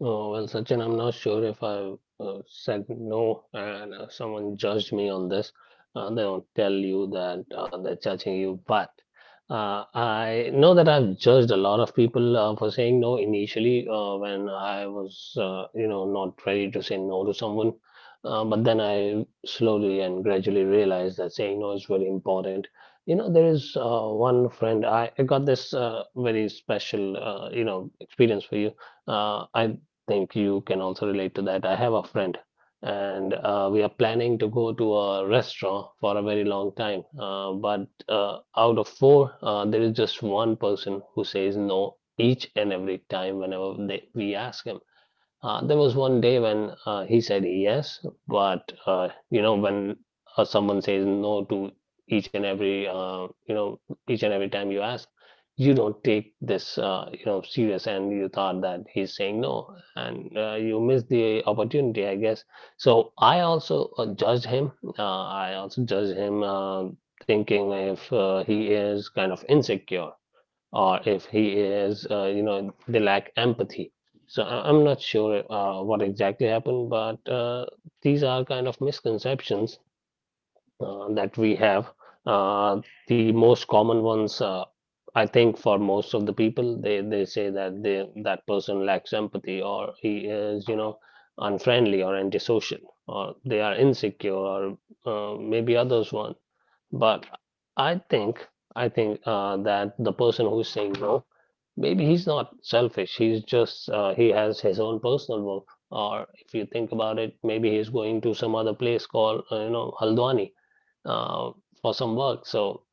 Speaker 2: Oh, well, Sachin, I'm not sure if I said no and someone judged me on this. They do not tell you that they're judging you, but I know that I've judged a lot of people for saying no initially when I was, you know, not ready to say no to someone. But then I slowly and gradually realized that saying no is very important. You know, there is one friend, I got this very special, you know, experience for you. I think you can also relate to that. I have a friend, and we are planning to go to a restaurant for a very long time. But out of four, there is just one person who says no each and every time whenever we ask him. There was one day when he said yes, but you know, when someone says no to each and every, you know, each and every time you ask, you don't take this, you know, serious, and you thought that he's saying no, and you missed the opportunity, I guess. So I also judged him. I also judged him, thinking if he is kind of insecure, or if he is, you know, they lack empathy. So I'm not sure what exactly happened, but these are kind of misconceptions that we have. Uh, the most common ones, I think, for most of the people, they say that they that person lacks empathy, or he is, you know, unfriendly or antisocial, or they are insecure, or maybe others one. But I think, I think that the person who's saying no, maybe he's not selfish. He's just he has his own personal work. Or if you think about it, maybe he's going to some other place called, you know, Haldwani uh, for some work. So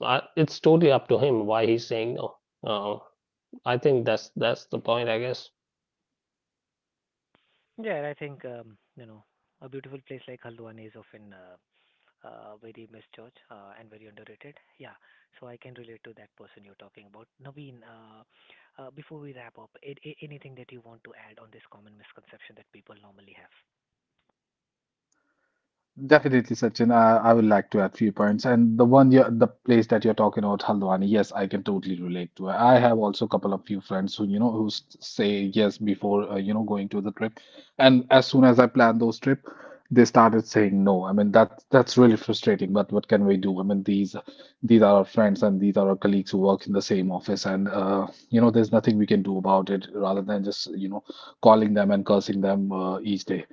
Speaker 2: I, it's totally up to him why he's saying no. Uh, I think that's the point, I guess.
Speaker 1: Yeah, and I think you know a beautiful place like Haldwani is often very misjudged and very underrated. Yeah, so I can relate to that person you're talking about. Naveen, before we wrap up, anything that you want to add on this common misconception that people normally have?
Speaker 3: Definitely, Sachin. I would like to add few points. And the place that you're talking about, Haldwani, yes, I can totally relate to it. I have also a couple of few friends who, you know, say yes before, going to the trip. And as soon as I plan those trip, they started saying no. I mean, that's really frustrating. But what can we do? I mean, these are our friends and these are our colleagues who work in the same office, and there's nothing we can do about it rather than just, you know, calling them and cursing them each day.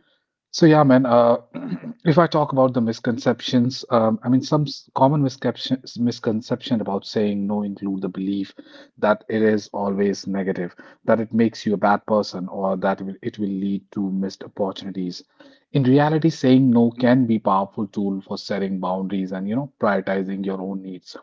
Speaker 3: So yeah, man. If I talk about the misconceptions, I mean some s- common misconception misconception about saying no include the belief that it is always negative, that it makes you a bad person, or that it will lead to missed opportunities. In reality, saying no can be powerful tool for setting boundaries and you know prioritizing your own needs.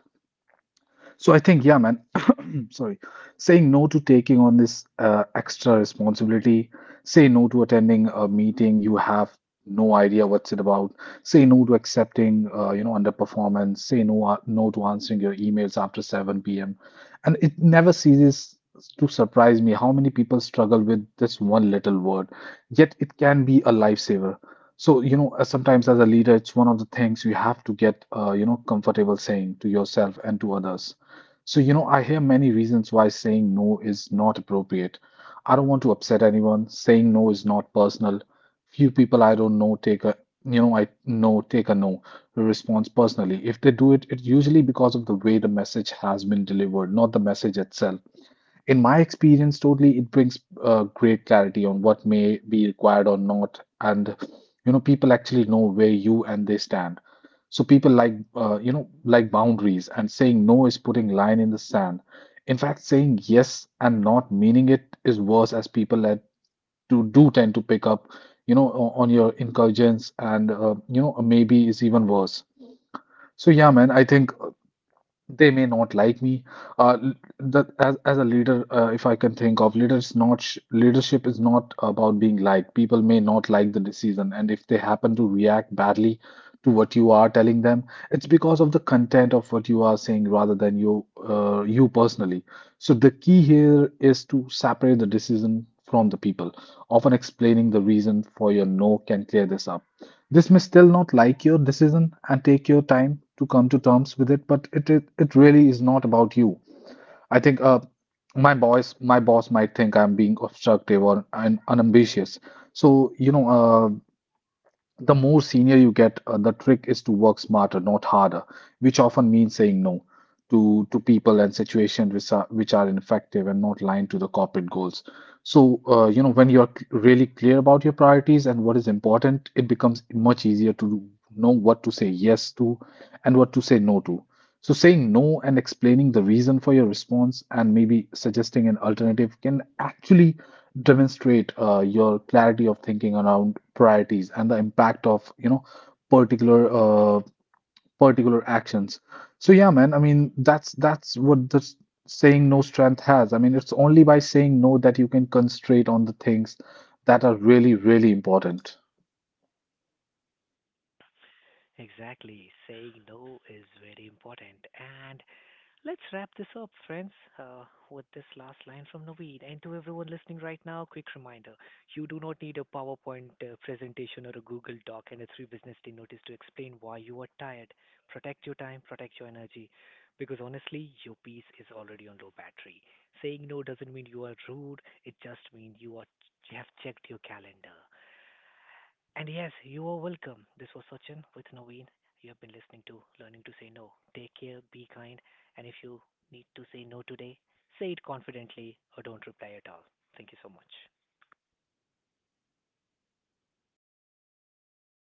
Speaker 3: So I think, yeah, man, sorry, saying no to taking on this extra responsibility, say no to attending a meeting you have no idea what's it about, say no to accepting, underperformance, say no, to answering your emails after 7 p.m. And it never ceases to surprise me how many people struggle with this one little word, yet it can be a lifesaver. So, you know, sometimes as a leader, it's one of the things you have to get, comfortable saying to yourself and to others. So, you know, I hear many reasons why saying no is not appropriate. I don't want to upset anyone. Saying no is not personal. Few people I don't know take a, you know, I know take a no response personally. If they do it, it's usually because of the way the message has been delivered, not the message itself in my experience, totally, it brings great clarity on what may be required or not, and you know, people actually know where you and they stand. So people like like boundaries, and saying no is putting line in the sand. In fact, saying yes and not meaning it is worse, as people that do tend to pick up, you know, on your incursions, and maybe is even worse. So yeah, man, I think they may not like me. As a leader, if I can think of leaders, not sh leadership is not about being liked. People may not like the decision, and if they happen to react badly to what you are telling them, it's because of the content of what you are saying rather than you personally. So the key here is to separate the decision from the people. Often explaining the reason for your no can clear this up. This may still not like your decision and take your time to come to terms with it, but it really is not about you. I think my boss might think I'm being obstructive or un unambitious. So, you know, the more senior you get, the trick is to work smarter, not harder, which often means saying no to to people and situations which are ineffective and not aligned to the corporate goals. So, when you're really clear about your priorities and what is important, it becomes much easier to know what to say yes to and what to say no to. So, saying no and explaining the reason for your response and maybe suggesting an alternative can actually demonstrate your clarity of thinking around priorities and the impact of you know particular uh, particular actions so yeah man I mean that's what saying no strength has I mean it's only by saying no that you can concentrate on the things that are really really important
Speaker 1: Exactly, saying no is very important, and let's wrap this up, friends, uh, with this last line from Naveed. And to everyone listening right now, quick reminder: you do not need a PowerPoint presentation or a Google Doc and a 3 business day notice to explain why you are tired. Protect your time, protect your energy, because honestly, your piece is already on low battery. Saying no doesn't mean you are rude, it just means you, are, you have checked your calendar. And yes, you are welcome. This was Sachin with Naveen. You have been listening to Learning to Say No. Take care, be kind, and if you need to say no today, say it confidently or don't reply at all. Thank you so much.